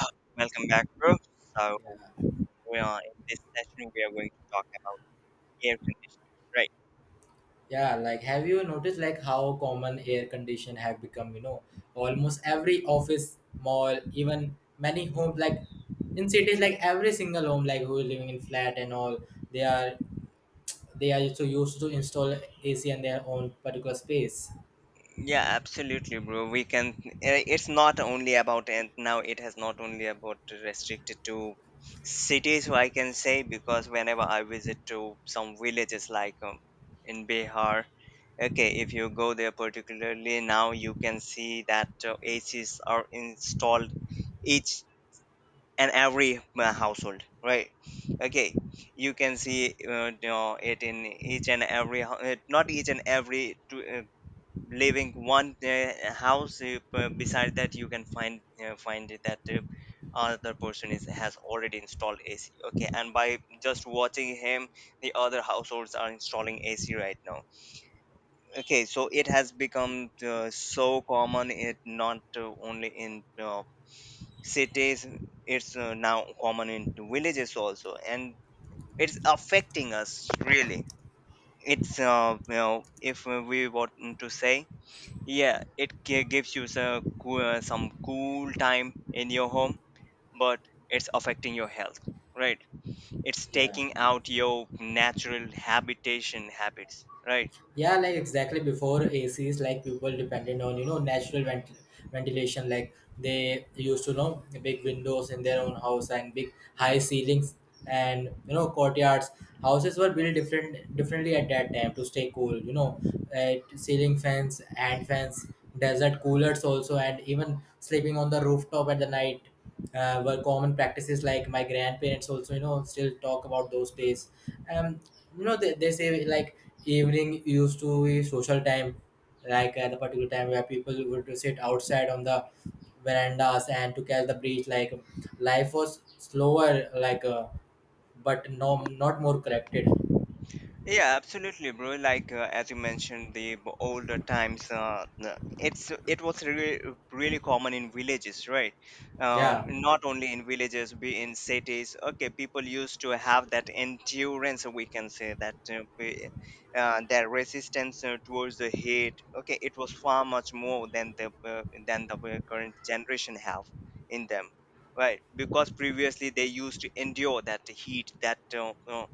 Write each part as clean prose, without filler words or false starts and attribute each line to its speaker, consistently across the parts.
Speaker 1: Uh, Welcome back, bro. So, we are in this session, we are going to talk about air conditioners, right?
Speaker 2: Yeah, like have you noticed like how common air condition have become, you know, almost every office, mall, even many homes like in cities like every single home like who is living in flat and all they are they are so used to install AC in their own particular space.
Speaker 1: Yeah, absolutely, bro. We can. It's not only about, and now it has not only about restricted to cities. I can say because whenever I visit to some villages like in Bihar, okay, if you go there particularly now, you can see that ACs are installed each and every household, right? Okay, you can see, it in each and every not each and every to, living one house, beside that you can find it that other person is has already installed ac. Okay, and by just watching him, the other households are installing ac right now. Okay, so it has become so common, it not only in cities, it's now common in villages also, and it's affecting us really. It's if we want to say, yeah, it gives you some, some cool time in your home, but it's affecting your health, right? It's
Speaker 2: Yeah.
Speaker 1: taking out your natural habitation habits, right?
Speaker 2: Yeah, like exactly before ACs, like people depended on you know ventilation. Like they used to know big windows in their own house and big high ceilings and you know courtyards. Houses were built differently at that time to stay cool. You know, ceiling fans, hand fans, desert coolers also, and even sleeping on the rooftop at the night were common practices. Like my grandparents also, you know, still talk about those days. um you know they say like evening used to be social time, like at a particular time where people would sit outside on the verandas and to catch the breeze, like life was slower like but no not more corrected.
Speaker 1: Yeah, absolutely, bro. As you mentioned, the older times, it's it was really common in villages, right?
Speaker 2: Yeah,
Speaker 1: Not only in villages, be in cities. Okay, people used to have that endurance. We can say that their resistance towards the heat. Okay, it was far much more than the current generation have in them. Right, because previously they used to endure that heat, that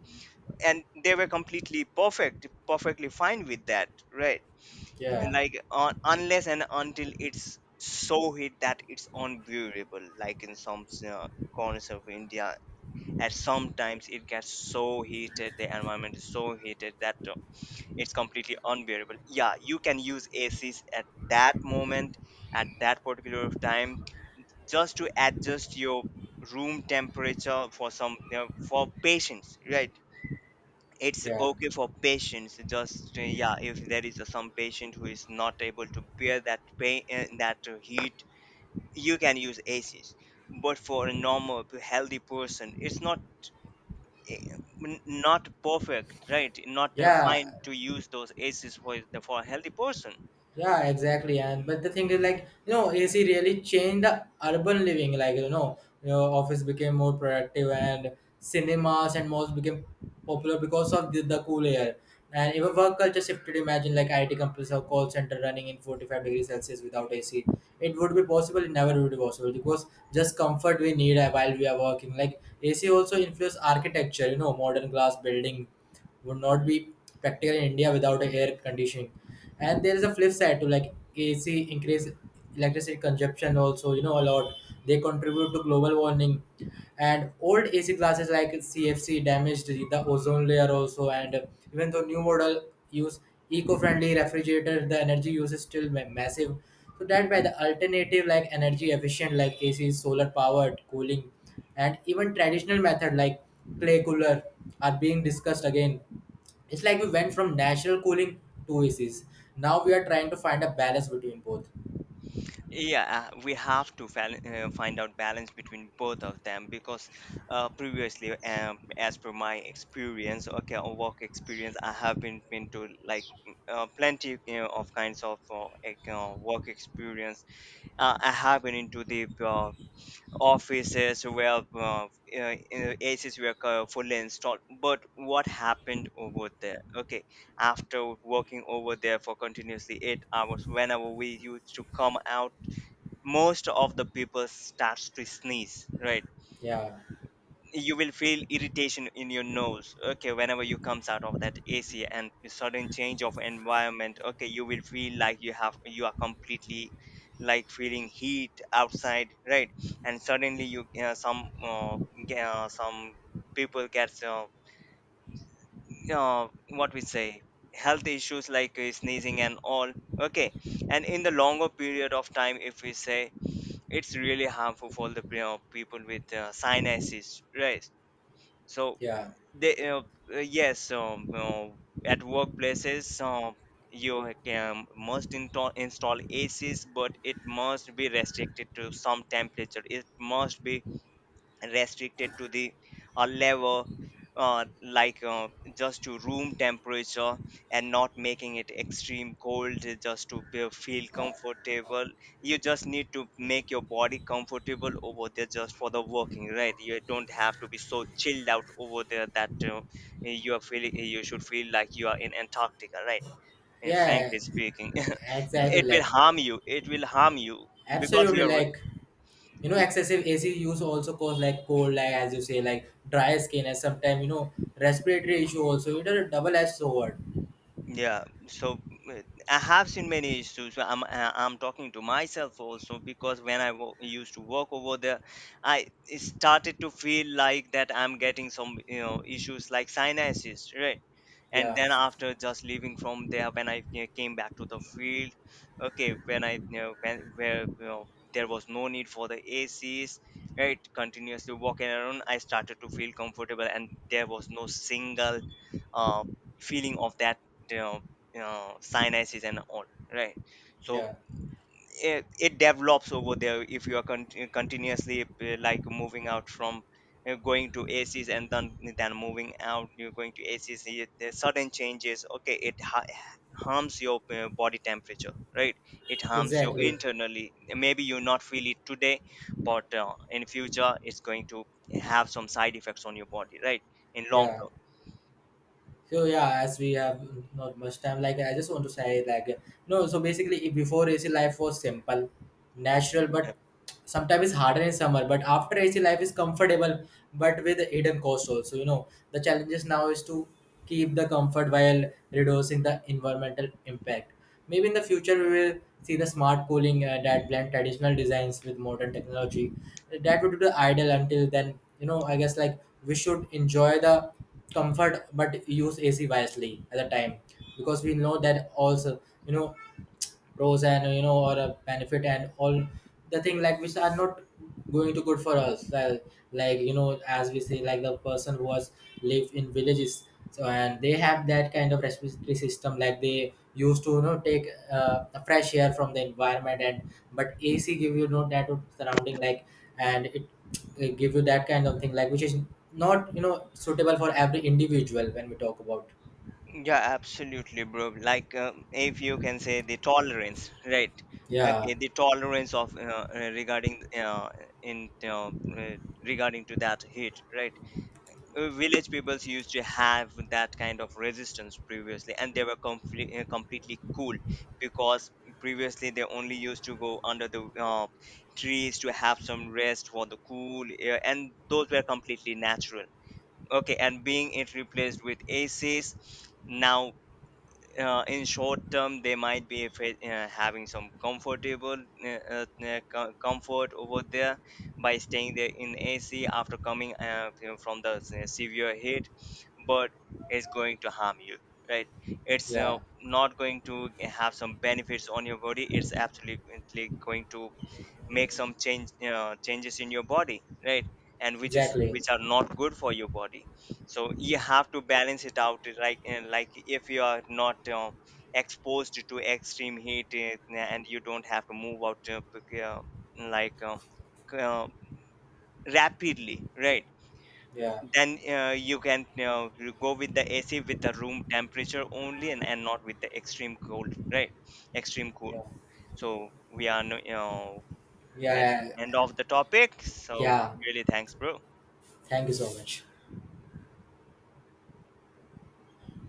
Speaker 1: and they were completely perfect perfectly fine with that, right.
Speaker 2: yeah,
Speaker 1: Like unless and until it's so hit that it's unbearable, like in some corners of India, at sometimes it gets so heated, the environment is so heated that it's completely unbearable. Yeah, you can use acs at that moment, at that particular time, just to adjust your room temperature for some, you know, for patients, right? It's
Speaker 2: yeah, yeah,
Speaker 1: okay for patients, just yeah, if there is a, some patient who is not able to bear that pain and that heat, you can use aces. But for a normal healthy person it's not, eh, not perfect, right? Not
Speaker 2: yeah.
Speaker 1: fine to use those aces for for a healthy person.
Speaker 2: Yeah, exactly. And but the thing is, like you know, AC really changed the urban living. Like you know, office became more productive, and cinemas and malls became popular because of the cool air. And even work culture shifted. Imagine like IT companies or call center running in 45 degrees Celsius without AC. It would be possible. It never would be possible because just comfort we need while we are working. Like AC also influenced architecture. You know, modern glass building would not be practical in India without a air conditioning. And there is a flip side to like AC increase electricity consumption also, you know, a lot. They contribute to global warming. And old AC glasses like CFC damaged the ozone layer also. And even though new model use eco-friendly refrigerator, the energy use is still massive. So that by the alternative like energy efficient like AC, solar powered cooling and even traditional method like clay cooler are being discussed again. It's like we went from natural cooling to ACs, now we are trying to find a balance between both.
Speaker 1: Yeah, we have to find out balance between both of them. Because previously, as per my experience, okay, or work experience, I have been into like, plenty, you know, of kinds of work experience. I have been into the offices where uh, fully installed, but what happened over there? Okay, after working over there for continuously 8 hours, whenever we used to come out, most of the people starts to sneeze, right?
Speaker 2: Yeah,
Speaker 1: You will feel irritation in your nose, okay, whenever you comes out of that ac and the sudden change of environment. Okay, you will feel like you have, you are completely like feeling heat outside, right? And suddenly you, some people gets, what we say health issues like, sneezing and all. Okay, and in the longer period of time, if we say, it's really harmful for the, you know, people with sinuses, right? So
Speaker 2: yeah,
Speaker 1: they, uh, uh, yes, um, uh, at workplaces, you can must install ACs, but it must be restricted to some temperature. It must be restricted to the a level, uh, like uh, just to room temperature and not making it extreme cold, just to be, feel comfortable. You just need to make your body comfortable over there just for the working, right? You don't have to be so chilled out over there that you are feeling, you should feel like you are in Antarctica, right? And
Speaker 2: yeah,
Speaker 1: frankly speaking
Speaker 2: exactly, like
Speaker 1: it will harm you because
Speaker 2: absolutely,
Speaker 1: you're.
Speaker 2: like you know excessive AC use also cause like cold, like as you say, like dry skin and sometimes you know respiratory issue also. It is a double edged sword.
Speaker 1: Yeah, so uh, I have seen many issues. So I'm talking to myself also, because when I used to work over there, I started to feel like that I'm getting some, you know, issues like sinuses, right? And
Speaker 2: Yeah,
Speaker 1: then after just leaving from there, when I came back to the field, okay, when I, you know, when where, you know, there was no need for the ACs, right? Continuously walking around, I started to feel comfortable, and there was no single uh, feeling of that, you know, you know, sinuses and all, right? So
Speaker 2: yeah,
Speaker 1: it develops over there if you are continuously like moving out from, going to acs and then moving out, you're going to acs. The sudden changes, okay, harms your body temperature, right? It harms you
Speaker 2: exactly,
Speaker 1: internally, maybe you not feel it today, but in future it's going to have some side effects on your body, right? In long
Speaker 2: yeah.
Speaker 1: term.
Speaker 2: So yeah, as we have not much time, like I just want to say like no. So basically, if before AC life was simple, natural, but sometimes it's harder in summer. But after AC life is comfortable, but with hidden cost also. You know the challenges now is to keep the comfort while reducing the environmental impact. Maybe in the future we will see the smart cooling that blend traditional designs with modern technology. That would be the ideal. Until then, you know, I guess like we should enjoy the comfort but use AC wisely at the time, because we know that also, you know, pros and you know or a benefit and all the thing like which are not going to good for us, like you know as we say, like the person who was lived in villages so and they have that kind of respiratory system, like they used to you know take a fresh air from the environment and but AC give you you know that surrounding like, and it give you that kind of thing like which is not you know suitable for every individual when we talk about.
Speaker 1: Yeah, absolutely, bro. Like, if you can say the tolerance, right?
Speaker 2: Yeah,
Speaker 1: Okay, the tolerance of regarding in uh, regarding to that heat, right? Village peoples used to have that kind of resistance previously, and they were completely cool, because previously they only used to go under the trees to have some rest for the cool air, and those were completely natural. Okay, and being it replaced with ACs now, in short term they might be having some comfortable comfort over there by staying there in AC after coming, from the severe heat. But it's going to harm you, right? It's
Speaker 2: yeah,
Speaker 1: not going to have some benefits on your body. It's absolutely going to make some changes in your body, right? And which is
Speaker 2: exactly,
Speaker 1: which are not good for your body. So you have to balance it out, like, like if you are not exposed to extreme heat, and you don't have to move out p- uh, like uh, c- uh, rapidly, right?
Speaker 2: yeah,
Speaker 1: Then you can, you go with the ac with the room temperature only, and not with the extreme cold, right? Extreme cold.
Speaker 2: yeah,
Speaker 1: So we are you at the
Speaker 2: yeah.
Speaker 1: end of the topic. So,
Speaker 2: Yeah,
Speaker 1: really, thanks, bro.
Speaker 2: thank you so much.